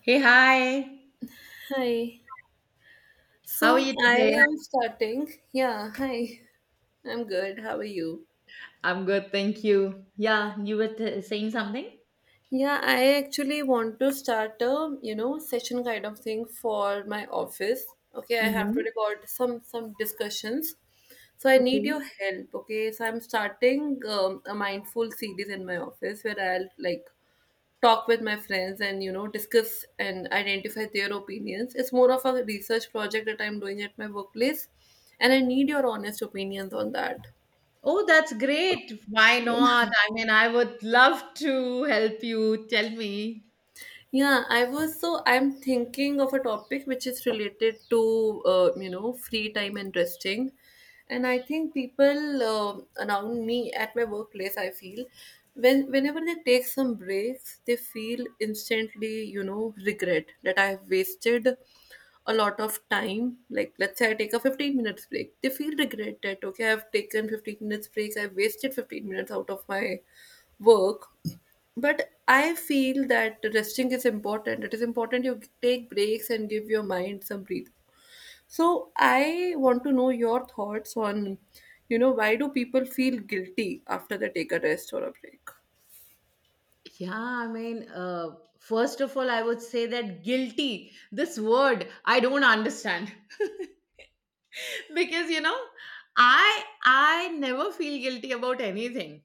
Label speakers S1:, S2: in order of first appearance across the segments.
S1: Hey, hi.
S2: Hi.
S1: How are
S2: So
S1: you
S2: I
S1: today?
S2: am starting. Yeah, hi. I'm good. How are you?
S1: I'm good, thank you. Yeah, you were saying something?
S2: Yeah, I actually want to start a session kind of thing for my office. Okay, I have to
S1: Mm-hmm.
S2: record some discussions. So I need
S1: Okay.
S2: your help, okay? So I'm starting a mindful series in my office where I'll like talk with my friends and discuss and identify their opinions. It's more of a research project that I'm doing at my workplace, and I need your honest opinions on that.
S1: Oh, that's great. Why not? I mean, I would love to help you. Tell me.
S2: Yeah, I was so I'm thinking of a topic which is related to free time and resting, and I think people around me at my workplace, I feel whenever they take some breaks, they feel instantly regret that I have wasted a lot of time. Like let's say I take a 15 minutes break, they feel regret that okay I've taken 15 minutes break, I've wasted 15 minutes out of my work, but I feel that resting is important. It is important you take breaks and give your mind some breathe. So I want to know your thoughts on, why do people feel guilty after they take a rest or a break?
S1: Yeah, I mean, first of all, I would say that guilty, this word, I don't understand. Because, you know, I never feel guilty about anything.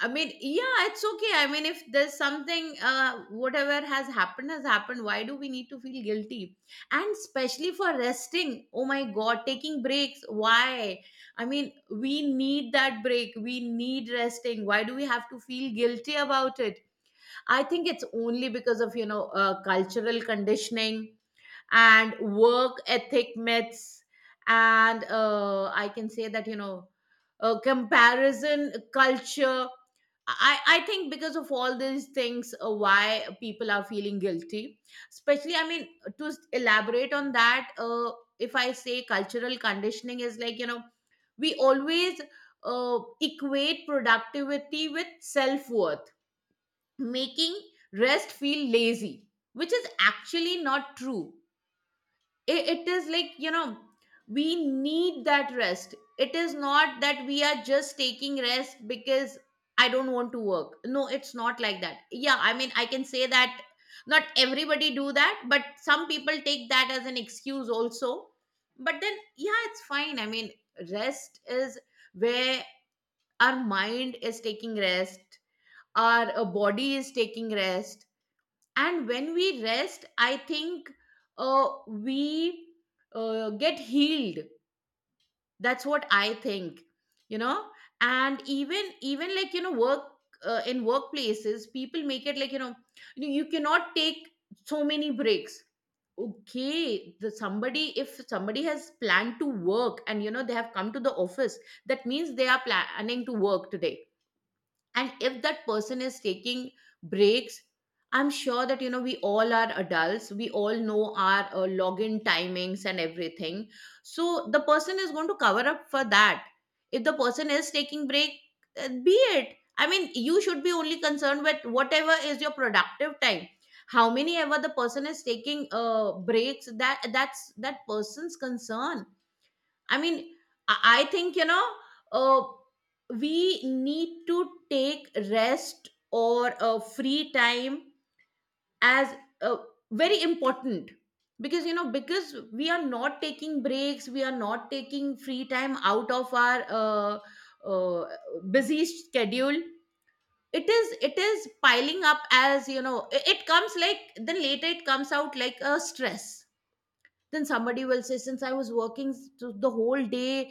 S1: I mean, yeah, it's okay. I mean, if there's something, whatever has happened has happened. Why do we need to feel guilty? And especially for resting. Oh my God, taking breaks. Why? I mean, we need that break. We need resting. Why do we have to feel guilty about it? I think it's only because of, you know, cultural conditioning and work ethic myths and I can say that, you know, comparison culture. I think because of all these things, why people are feeling guilty, especially I mean, to elaborate on that, if I say cultural conditioning is like, you know, we always equate productivity with self-worth, making rest feel lazy, which is actually not true. It is like, you know, we need that rest. It is not that we are just taking rest because I don't want to work. No, it's not like that. Yeah, I mean, I can say that not everybody do that, but some people take that as an excuse also. But then yeah, it's fine. I mean, rest is where our mind is taking rest, our body is taking rest. And when we rest I think, we get healed. That's what I think, you know. And even like, you know, work, in workplaces people make it like, you know, you cannot take so many breaks. Okay, the somebody, if somebody has planned to work and, you know, they have come to the office, that means they are planning to work today. And if that person is taking breaks, I'm sure that, you know, we all are adults, we all know our login timings and everything. So the person is going to cover up for that. If the person is taking break, be it, I mean, you should be only concerned with whatever is your productive time. How many ever the person is taking breaks, that's that person's concern. I mean, I think, you know, uh, we need to take rest or free time as uh, very important. Because, you know, because we are not taking breaks, we are not taking free time out of our uh, uh, busy schedule. It is piling up, as you know, it comes like, then later it comes out like a stress. Then somebody will say, since I was working the whole day,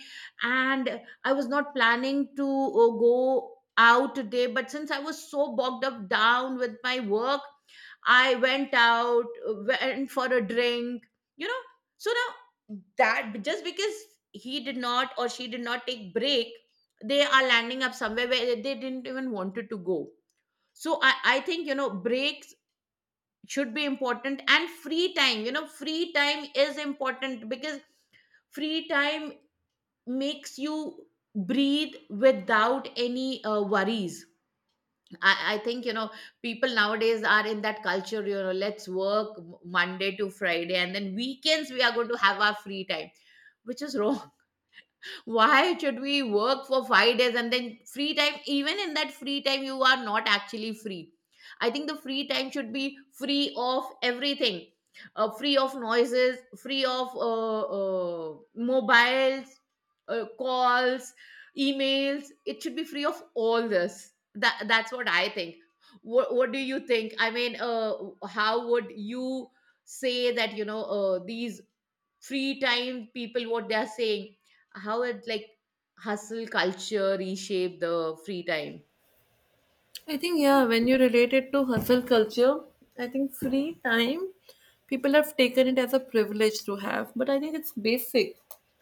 S1: and I was not planning to go out today, but since I was so bogged up down with my work, I went out, went for a drink, you know. So now, that just because he did not or she did not take break, they are landing up somewhere where they didn't even wanted to go. So I think, you know, breaks should be important. And free time, you know, free time is important because free time makes you breathe without any worries. I think, you know, people nowadays are in that culture, you know, let's work Monday to Friday and then weekends we are going to have our free time. Which is wrong. Why should we work for 5 days and then free time? Even in that free time you are not actually free. I think the free time should be free of everything. Free of noises, free of mobiles, calls, emails. It should be free of all this. That's what I think. What do you think? I mean, how would you say that, you know, these free time people, what they are saying, how it like hustle culture reshape the free time?
S2: I think, yeah, when you relate it to hustle culture, I think free time, people have taken it as a privilege to have, but I think it's basic.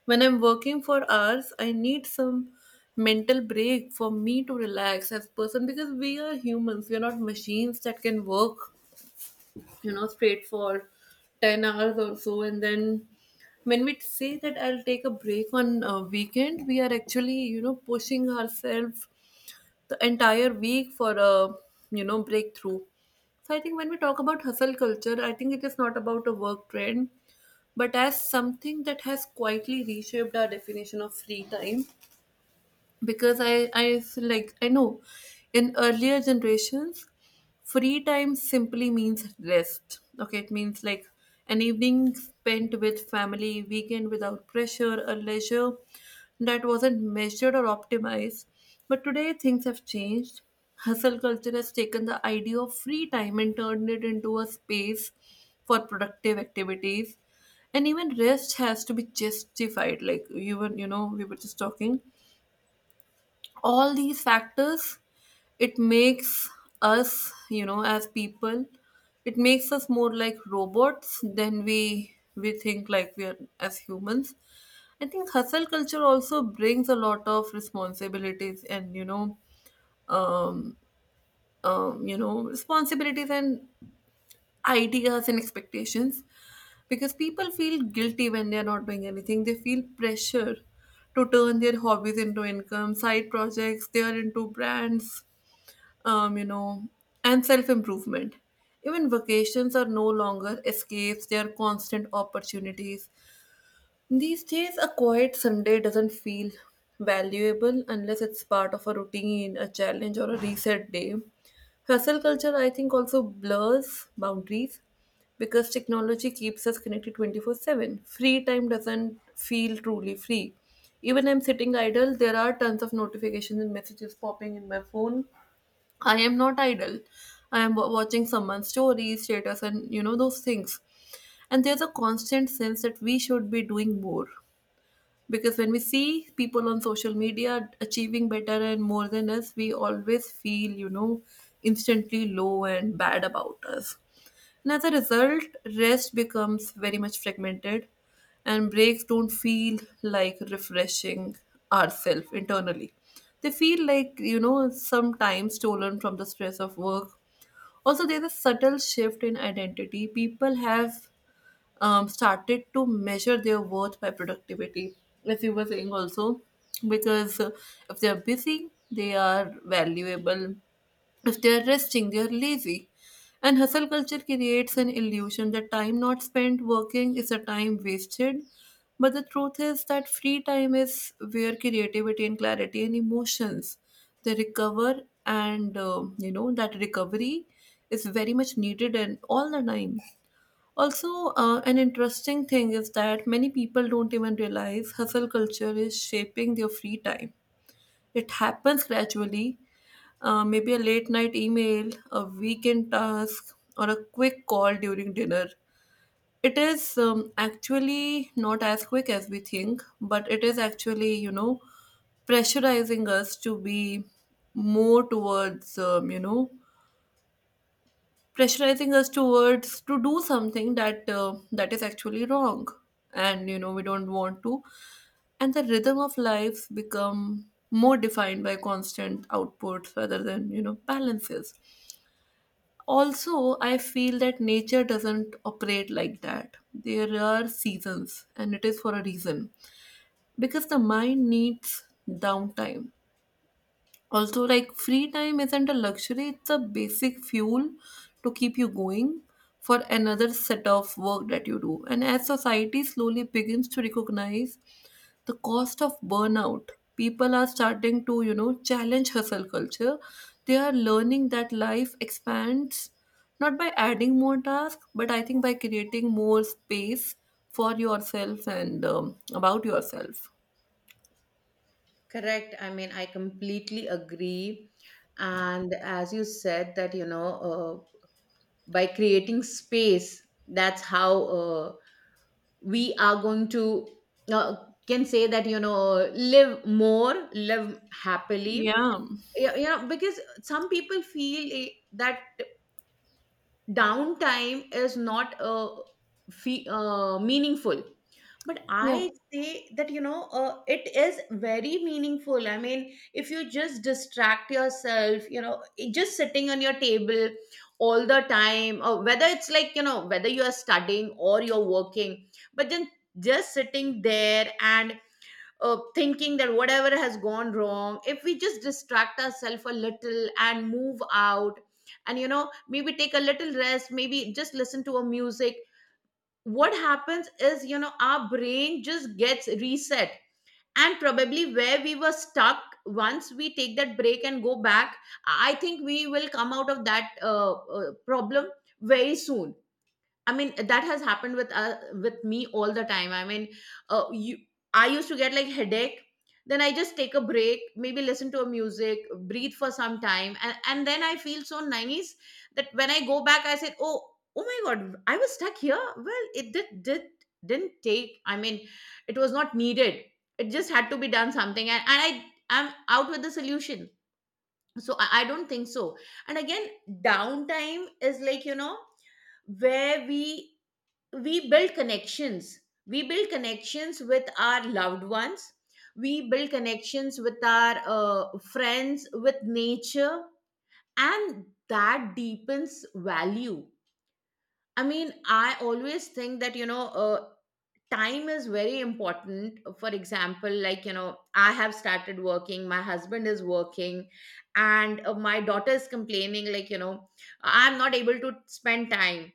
S2: When I'm working for hours, I need some mental break for me to relax as person because we are humans. We are not machines that can work, straight for 10 hours or so. And then when we say that I'll take a break on a weekend, we are actually, pushing ourselves the entire week for a breakthrough. So I think when we talk about hustle culture, I think it is not about a work trend but as something that has quietly reshaped our definition of free time. Because I feel like I know, in earlier generations, free time simply means rest. Okay, it means like an evening spent with family, weekend without pressure, a leisure that wasn't measured or optimized. But today things have changed. Hustle culture has taken the idea of free time and turned it into a space for productive activities. And even rest has to be justified, like even we were just talking all these factors. It makes us as people, it makes us more like robots than we think like we are as humans. I think hustle culture also brings a lot of responsibilities and um, responsibilities and ideas and expectations, because people feel guilty when they are not doing anything. They feel pressure to turn their hobbies into income side projects, they are into brands um, you know, and self improvement. Even vacations are no longer escapes, they are constant opportunities. These days, a quiet Sunday doesn't feel valuable unless it's part of a routine, a challenge, or a reset day. Hustle culture, I think, also blurs boundaries because technology keeps us connected 24/7. Free time doesn't feel truly free. Even I'm sitting idle, there are tons of notifications and messages popping in my phone. I am not idle. I am watching someone's stories, status, and those things. And there's a constant sense that we should be doing more, because when we see people on social media achieving better and more than us, we always feel instantly low and bad about us. And as a result, rest becomes very much fragmented, and breaks don't feel like refreshing ourselves internally. They feel like, sometimes stolen from the stress of work. Also, there's a subtle shift in identity. People have started to measure their worth by productivity, as you were saying also, because if they are busy, they are valuable. If they are resting, they are lazy. And hustle culture creates an illusion that time not spent working is a time wasted. But the truth is that free time is where creativity and clarity and emotions they recover, and that recovery is very much needed and all the time. Also, an interesting thing is that many people don't even realize hustle culture is shaping their free time. It happens gradually, maybe a late night email, a weekend task, or a quick call during dinner. It is actually not as quick as we think, but it is actually, pressurizing us to be more towards, pressurizing us towards to do something that is actually wrong, and we don't want to. And the rhythm of life become more defined by constant outputs rather than balances. Also, I feel that nature doesn't operate like that. There are seasons and it is for a reason because the mind needs downtime. Also, like free time isn't a luxury, it's a basic fuel to keep you going for another set of work that you do. And as society slowly begins to recognize the cost of burnout, people are starting to challenge hustle culture. They are learning that life expands not by adding more tasks, but I think by creating more space for yourself and about yourself.
S1: Correct. I mean, I completely agree. And as you said that, you know, by creating space, that's how we are going to, uh, can say that, you know, live more, live happily.
S2: Yeah.
S1: Yeah, yeah, because some people feel that downtime is not meaningful, but
S2: Yeah.
S1: I say that, you know, it is very meaningful. I mean, if you just distract yourself, you know, just sitting on your table all the time, or whether it's like, you know, whether you are studying or you're working, but then just sitting there and thinking that whatever has gone wrong, if we just distract ourselves a little and move out, and, you know, maybe take a little rest, maybe just listen to a music, what happens is, you know, our brain just gets reset. And probably where we were stuck, once we take that break and go back, I think we will come out of that problem very soon. I mean, that has happened with me all the time. I mean, uh, you, I used to get like headache. Then I just take a break, maybe listen to a music, breathe for some time, and then I feel so nice that when I go back, I said, "Oh, oh my God, I was stuck here." Well, it did didn't take. I mean, it was not needed. It just had to be done something, and I I'm out with the solution. So I don't think so. And again, downtime is like, you know, where we build connections, we build connections with our loved ones, we build connections with our friends, with nature. And that deepens value. I mean, I always think that, you know, time is very important. For example, like, you know, I have started working, my husband is working, and my daughter is complaining, like, you know, I'm not able to spend time.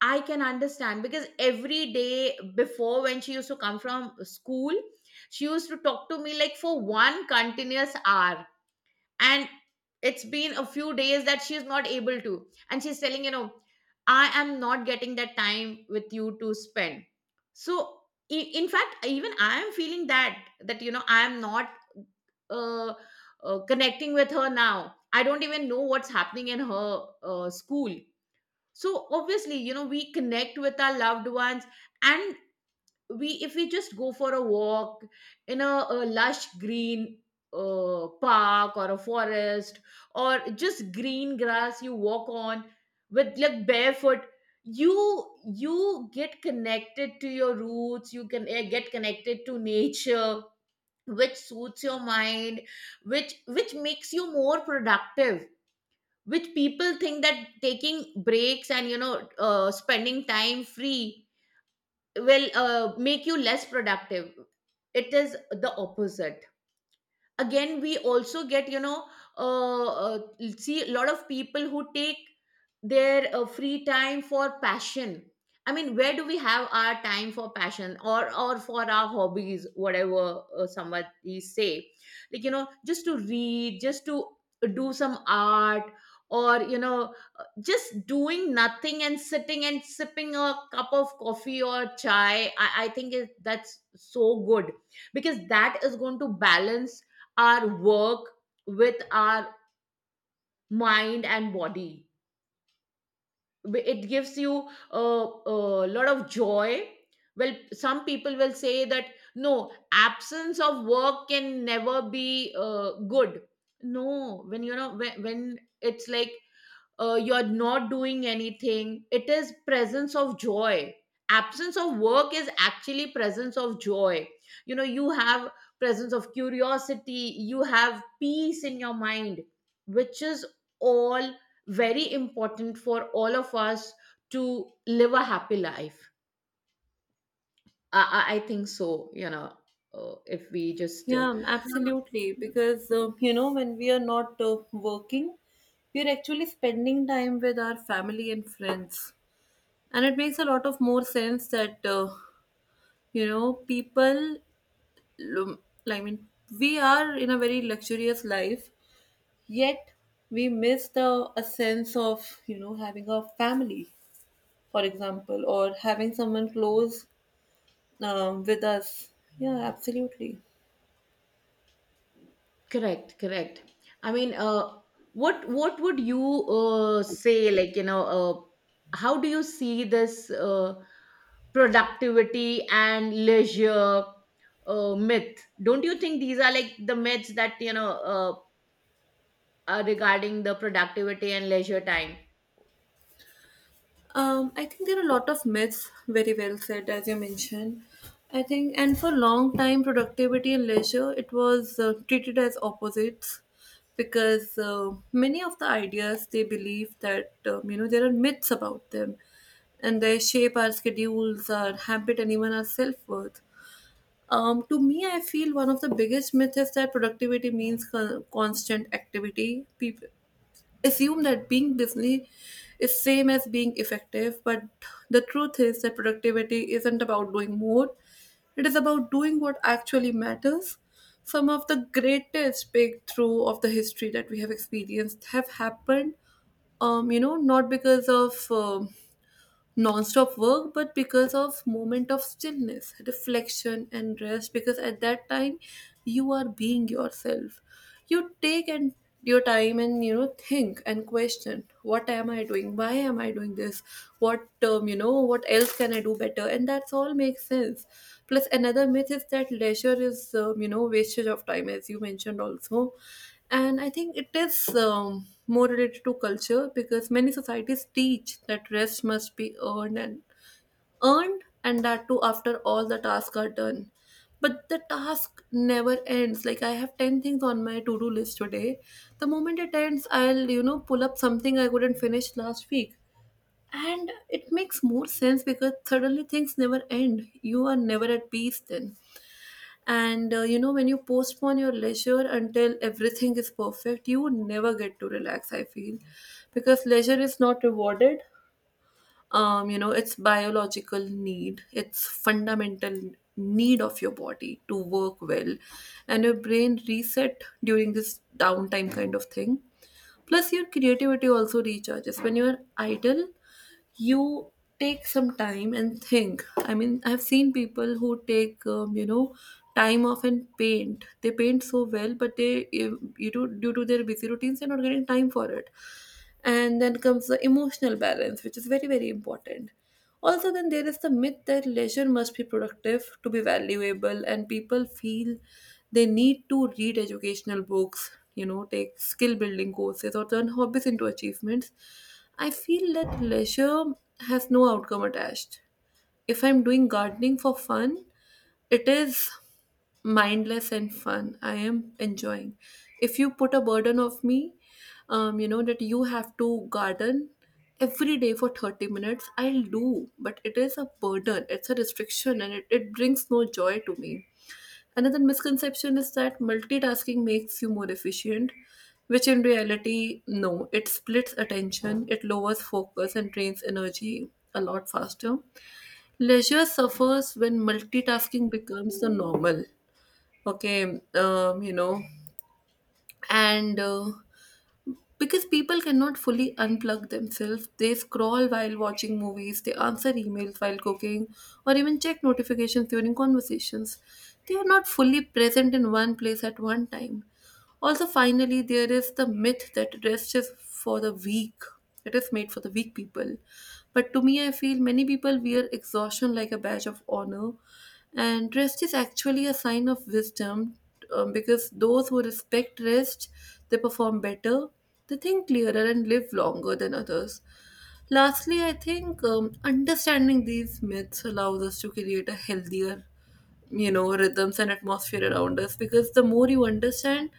S1: I can understand, because every day before, when she used to come from school, she used to talk to me like for one continuous hour. And it's been a few days that she's not able to. And she's telling, you know, I am not getting that time with you to spend. So, in fact, even I am feeling that, you know, I am not uh, connecting with her now. I don't even know what's happening in her school. So obviously, you know, we connect with our loved ones. And we, if we just go for a walk in a lush green park or a forest, or just green grass you walk on with like barefoot, you get connected to your roots. You can get connected to nature, which suits your mind, which makes you more productive. Which people think that taking breaks and, you know, spending time free will make you less productive. It is the opposite. Again, we also get, you know, uh, uh, see a lot of people who take their free time for passion. I mean, where do we have our time for passion, or for our hobbies, whatever somebody say, like, you know, just to read, just to do some art, or, you know, just doing nothing and sitting and sipping a cup of coffee or chai. I think it, that's so good, because that is going to balance our work with our mind and body. It gives you a lot of joy. Well, some people will say that no, absence of work can never be good. No, when, you know, when it's like you're not doing anything, it is presence of joy. Absence of work is actually presence of joy. You know, you have presence of curiosity, you have peace in your mind, which is all very important for all of us to live a happy life. I think so, you know, if we just
S2: Yeah, absolutely. Because, when we are not working, we are actually spending time with our family and friends. And it makes a lot of more sense that, people, lum- I mean, we are in a very luxurious life, yet we miss the a sense of, having a family, for example, or having someone close with us. Yeah, absolutely.
S1: Correct, correct. I mean, what would you say? Like, you know, how do you see this productivity and leisure myth? Don't you think these are like the myths that, you know, are regarding the productivity and leisure time?
S2: I think there are a lot of myths, very well said, as you mentioned. I think, and for a long time, productivity and leisure, it was treated as opposites, because many of the ideas they believe that there are myths about them, and they shape our schedules, our habit, and even our self worth. To me, I feel one of the biggest myths is that productivity means constant activity. People assume that being busy is same as being effective, but the truth is that productivity isn't about doing more, it is about doing what actually matters. Some of the greatest breakthrough of the history that we have experienced have happened not because of non-stop work, but because of moment of stillness, reflection and rest, because at that time you are being yourself. You take and your time and think and question what am I doing, why am I doing this, what what else can I do better, and that's all makes sense. Plus, another myth is that leisure is wastage of time, as you mentioned also. And I think it is more related to culture, because many societies teach that rest must be earned and earned, and that too after all the tasks are done. But the task never ends. Like I have 10 things on my to-do list today. The moment it ends, I'll pull up something I couldn't finish last week, and it makes more sense because suddenly things never end. You are never at peace then. And when you postpone your leisure until everything is perfect, you never get to relax, I feel. Because leisure is not rewarded. It's biological need, it's fundamental need of your body to work well. And your brain reset during this downtime kind of thing. Plus, your creativity also recharges. When you're idle, you take some time and think. I mean, I've seen people who take time off and paint, they paint so well, but they due to their busy routines they're not getting time for it. And then comes the emotional balance, which is very very important. Also, then there is the myth that leisure must be productive to be valuable, and people feel they need to read educational books, take skill building courses or turn hobbies into achievements. I feel that leisure has no outcome attached. If I'm doing gardening for fun, it is mindless and fun. I am enjoying. If you put a burden of me, that you have to garden every day for 30 minutes, I'll do. But it is a burden, it's a restriction, and it brings no joy to me. Another misconception is that multitasking makes you more efficient, which in reality, no. It splits attention, it lowers focus, and drains energy a lot faster. Leisure suffers when multitasking becomes the normal. Okay, and because people cannot fully unplug themselves, they scroll while watching movies, they answer emails while cooking, or even check notifications during conversations. They are not fully present in one place at one time. Also, finally, there is the myth that rest is for the weak. It is made for the weak people. But to me, I feel many people wear exhaustion like a badge of honor. And rest is actually a sign of wisdom, because those who respect rest, they perform better, they think clearer, and live longer than others. Lastly, I think understanding these myths allows us to create a healthier, rhythms and atmosphere around us, because the more you understand,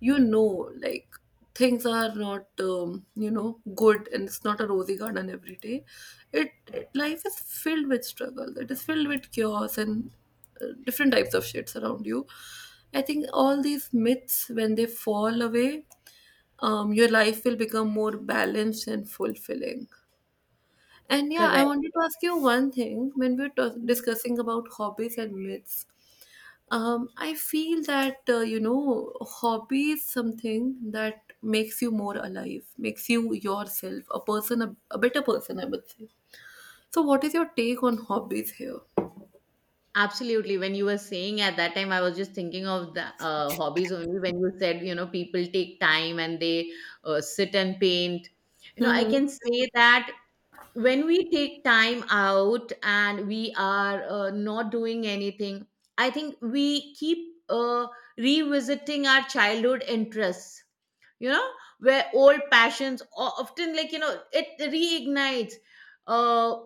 S2: like things are not good, and it's not a rosy garden every day. It Life is filled with struggle, it is filled with chaos and different types of shits around you. I think all these myths, when they fall away, your life will become more balanced and fulfilling. And yeah, I
S1: Correct.
S2: wanted to ask you one thing, when we were discussing about hobbies and myths. I feel that hobby is something that makes you more alive, makes you yourself, a person, a better person, I would say. So, what is your take on hobbies here?
S1: Absolutely. When you were saying at that time, I was just thinking of the hobbies only. When you said, you know, people take time and they sit and paint. You know, I
S2: Hmm.
S1: can say that when we take time out and we are not doing anything, I think we keep revisiting our childhood interests, you know, where old passions often, like, you know, it reignites. Uh,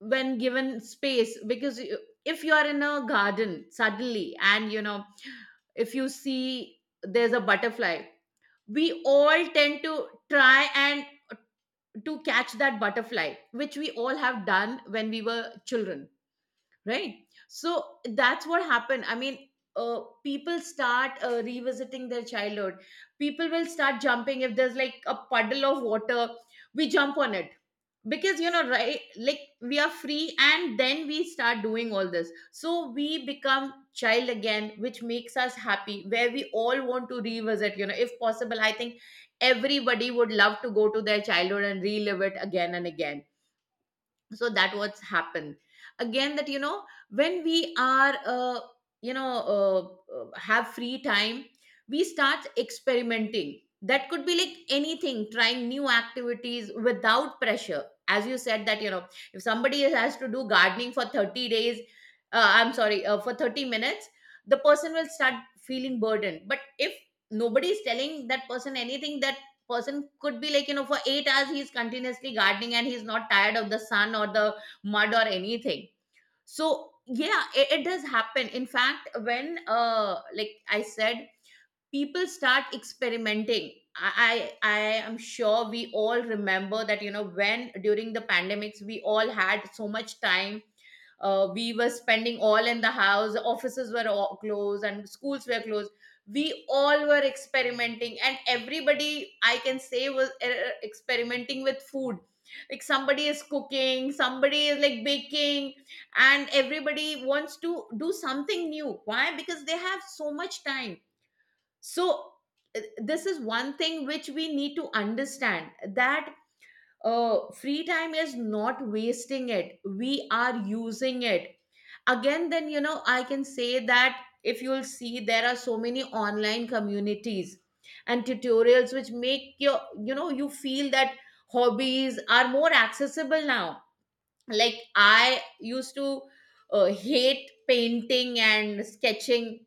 S1: when given space because if you are in a garden suddenly and you know if you see there's a butterfly, we all tend to try and to catch that butterfly, which we all have done when we were children, right? So that's what happened. I mean, people start revisiting their childhood. People will start jumping if there's like a puddle of water, we jump on it because, you know, right, like we are free, and then we start doing all this, so we become child again, which makes us happy, where we all want to revisit, you know, if possible. I think everybody would love to go to their childhood and relive it again and again. So that what's happened again, that, you know, when we are you know have free time, we start experimenting. That could be like anything, trying new activities without pressure, as you said, that, you know, if somebody has to do gardening for 30 days, I'm sorry, for 30 minutes, the person will start feeling burdened. But if nobody is telling that person anything, that person could be like, you know, for 8 hours he's continuously gardening and he's not tired of the sun or the mud or anything. So yeah, it does happen, in fact, when, uh, like I said, people start experimenting. I am sure we all remember that, you know, when during the pandemics we all had so much time. We were spending all in the house, offices were all closed and schools were closed. We all were experimenting, and everybody, I can say, was experimenting with food, like somebody is cooking, somebody is like baking, and everybody wants to do something new. Why? Because they have so much time. So this is one thing which we need to understand, that free time is not wasting it, we are using it. Again, then, you know, I can say that if you'll see, there are so many online communities and tutorials which make your, you know, you feel that hobbies are more accessible now. Like, I used to hate painting and sketching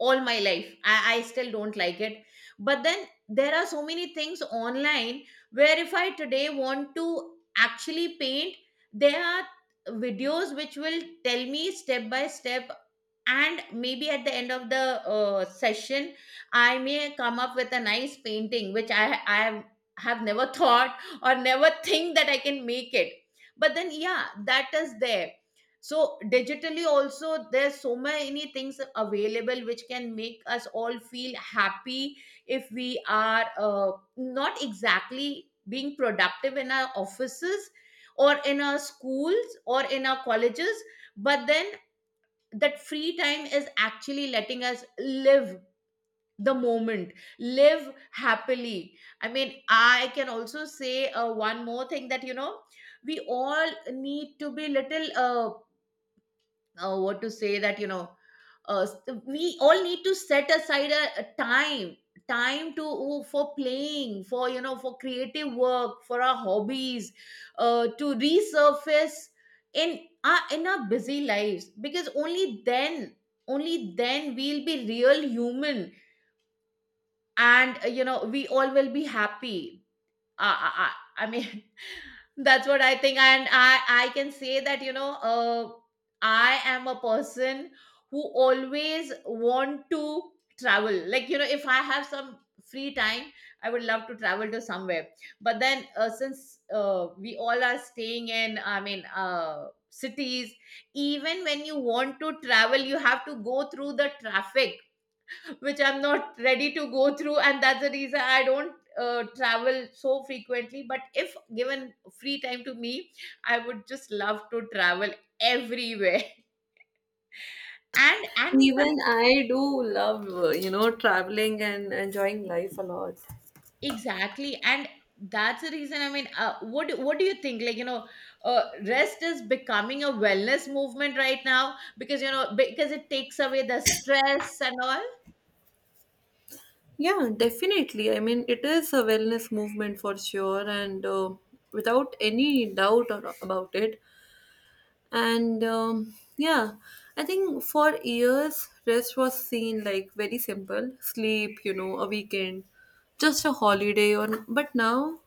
S1: all my life. I still don't like it. But then there are so many things online where if I today want to actually paint, there are videos which will tell me step by step, and maybe at the end of the session, I may come up with a nice painting which I have never thought or never think that I can make it. But then, yeah, that is there. So digitally also, there's so many things available which can make us all feel happy if we are not exactly being productive in our offices or in our schools or in our colleges. But then, that free time is actually letting us live the moment, live happily. I mean, I can also say one more thing, that, you know, we all need to be little what to say, that, you know, uh, s- we all need to set aside a time to for playing, for, you know, for creative work, for our hobbies, to resurface in our busy lives, because only then, only then we'll be real human, and you know, we all will be happy. I, I mean, that's what I think. And I can say that, you know, I am a person who always want to travel. Like, you know, if I have some free time, I would love to travel to somewhere. But then, since we all are staying in, I mean, cities, even when you want to travel, you have to go through the traffic, which I'm not ready to go through, and that's the reason I don't travel so frequently. But if given free time to me, I would just love to travel everywhere. And in fact,
S2: Even I do love, traveling and enjoying life a lot.
S1: exactly, and that's the reason. I mean, what do you think? Like, you know, uh, rest is becoming a wellness movement right now, because, you know, because it takes away the stress and all.
S2: Yeah, definitely. I mean, it is a wellness movement for sure, and without any doubt or, about it, and yeah, I think for years rest was seen like very simple sleep, a weekend, just a holiday. Or, but now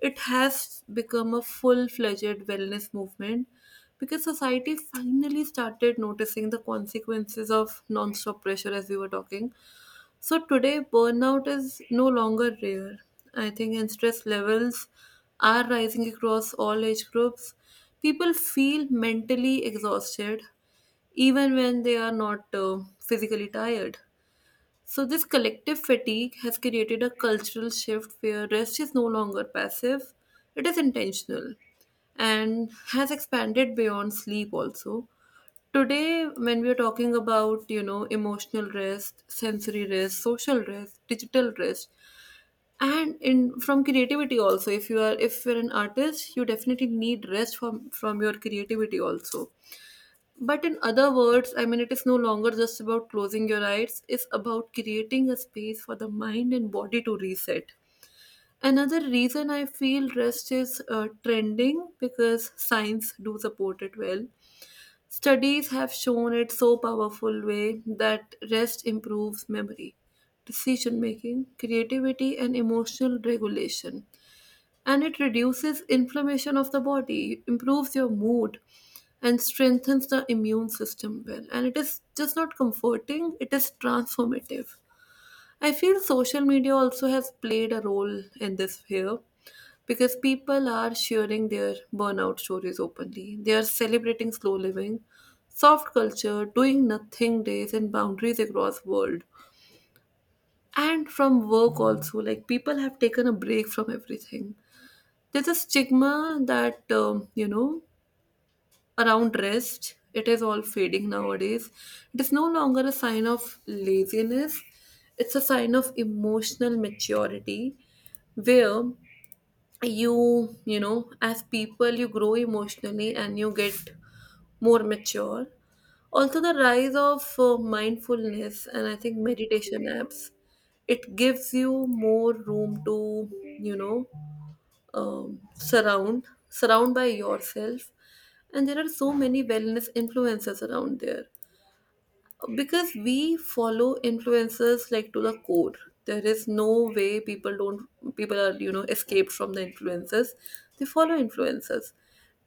S2: it has become a full-fledged wellness movement, because society finally started noticing the consequences of non-stop pressure, as we were talking. So today, burnout is no longer rare, I think, and stress levels are rising across all age groups. People feel mentally exhausted even when they are not physically tired. So, this collective fatigue has created a cultural shift where rest is no longer passive, it is intentional and has expanded beyond sleep also. Today, when we are talking about, you know, emotional rest, sensory rest, social rest, digital rest, and in from creativity also, if you're an artist, you definitely need rest from your creativity also. But in other words, I mean, it is no longer just about closing your eyes, it's about creating a space for the mind and body to reset. Another reason I feel rest is trending, because science do support it well. Studies have shown it so powerful way that rest improves memory, decision making, creativity, and emotional regulation, and it reduces inflammation of the body, improves your mood, and strengthens the immune system well. And it is just not comforting, it is transformative. I feel social media also has played a role in this here, because people are sharing their burnout stories openly. They are celebrating slow living, soft culture, doing nothing days, and boundaries across world. And from work also, like people have taken a break from everything. There's a stigma that, around rest, it is all fading nowadays. It is no longer a sign of laziness, it's a sign of emotional maturity, where you know as people, you grow emotionally and you get more mature. Also, the rise of mindfulness and, I think, meditation apps, it gives you more room to, you know surround by yourself. And there are so many wellness influencers around there, because we follow influencers like to the core. There is no way people don't, people are, escaped from the influencers. They follow influencers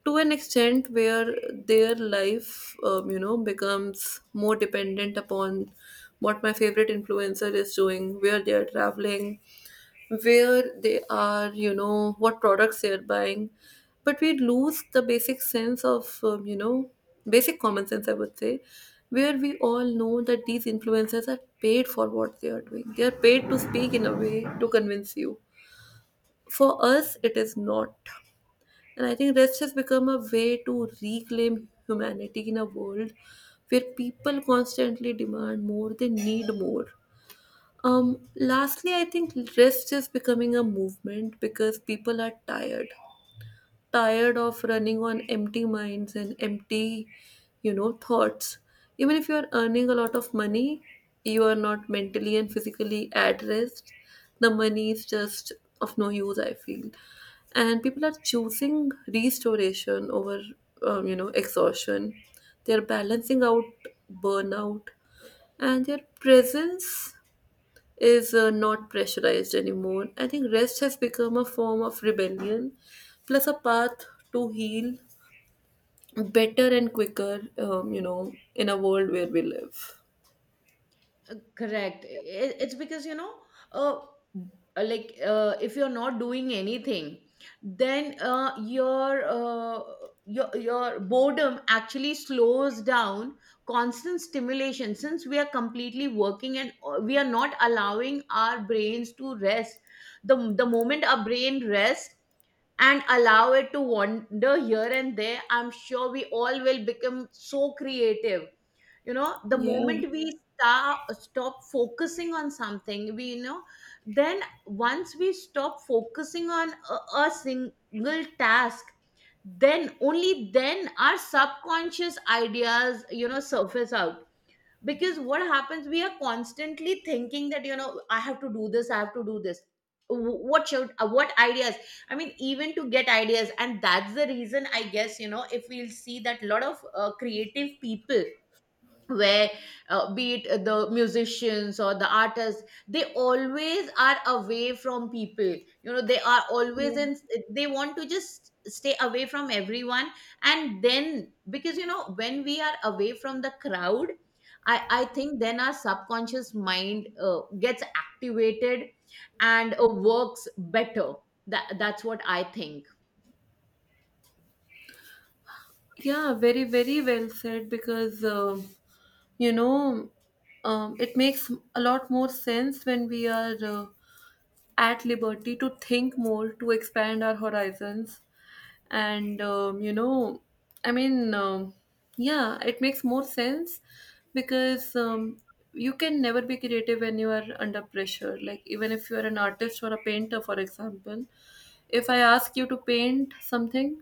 S2: to an extent where their life, becomes more dependent upon what my favorite influencer is doing, where they are traveling, where they are, you know, what products they are buying. But we lose the basic sense of, basic common sense, I would say, where we all know that these influencers are paid for what they are doing. They are paid to speak in a way to convince you. For us, it is not. And I think that's has become a way to reclaim humanity in a world where people constantly demand more, they need more. Lastly, I think rest is becoming a movement because people are tired, tired of running on empty minds and empty, thoughts. Even if you are earning a lot of money, you are not mentally and physically at rest. The money is just of no use, I feel. And people are choosing restoration over, exhaustion. They're balancing out burnout, and their presence is not pressurized anymore. I think rest has become a form of rebellion, plus a path to heal better and quicker, in a world where we live.
S1: Correct. It's because, you know, uh, if you're not doing anything, then your boredom actually slows down constant stimulation, since we are completely working and we are not allowing our brains to rest. The moment our brain rests and allow it to wander here and there, I'm sure we all will become so creative. You know, the
S2: Yeah.
S1: moment we start stop focusing on something, we, you know, then once we stop focusing on a single task, then only then our subconscious ideas, you know, surface out. Because what happens, we are constantly thinking that, you know, I have to do this I have to do this What should, what ideas, I mean, even to get ideas. And that's the reason, I guess, you know, if we'll see that, lot of creative people, where be it the musicians or the artists, they always are away from people, you know, they are always in, they want to just stay away from everyone. And then, because, you know, when we are away from the crowd, I think then our subconscious mind gets activated and works better. That that's what I think.
S2: Yeah, very, very well said, because, you know, it makes a lot more sense when we are at liberty to think more, to expand our horizons, and, I mean, yeah, it makes more sense, because, you can never be creative when you are under pressure, like even if you are an artist or a painter, for example, if I ask you to paint something,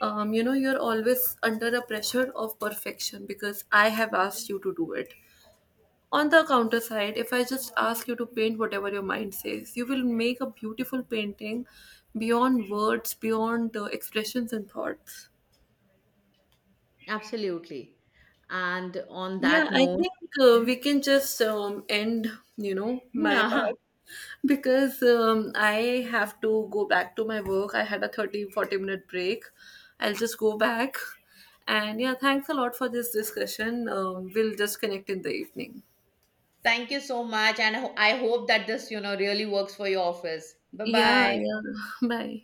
S2: you're always under a pressure of perfection because I have asked you to do it. On the counter side, if I just ask you to paint whatever your mind says, you will make a beautiful painting beyond words, beyond expressions and thoughts.
S1: Absolutely. And on
S2: Yeah,
S1: that
S2: I
S1: note,
S2: think we can just end, my part,
S1: yeah.
S2: because I have to go back to my work. I had a 30, 40-minute break. I'll just go back. And yeah, thanks a lot for this discussion. We'll just connect in the evening.
S1: Thank you so much. And I hope that this, you know, really works for your office. Bye
S2: Yeah,
S1: bye.
S2: yeah. Bye.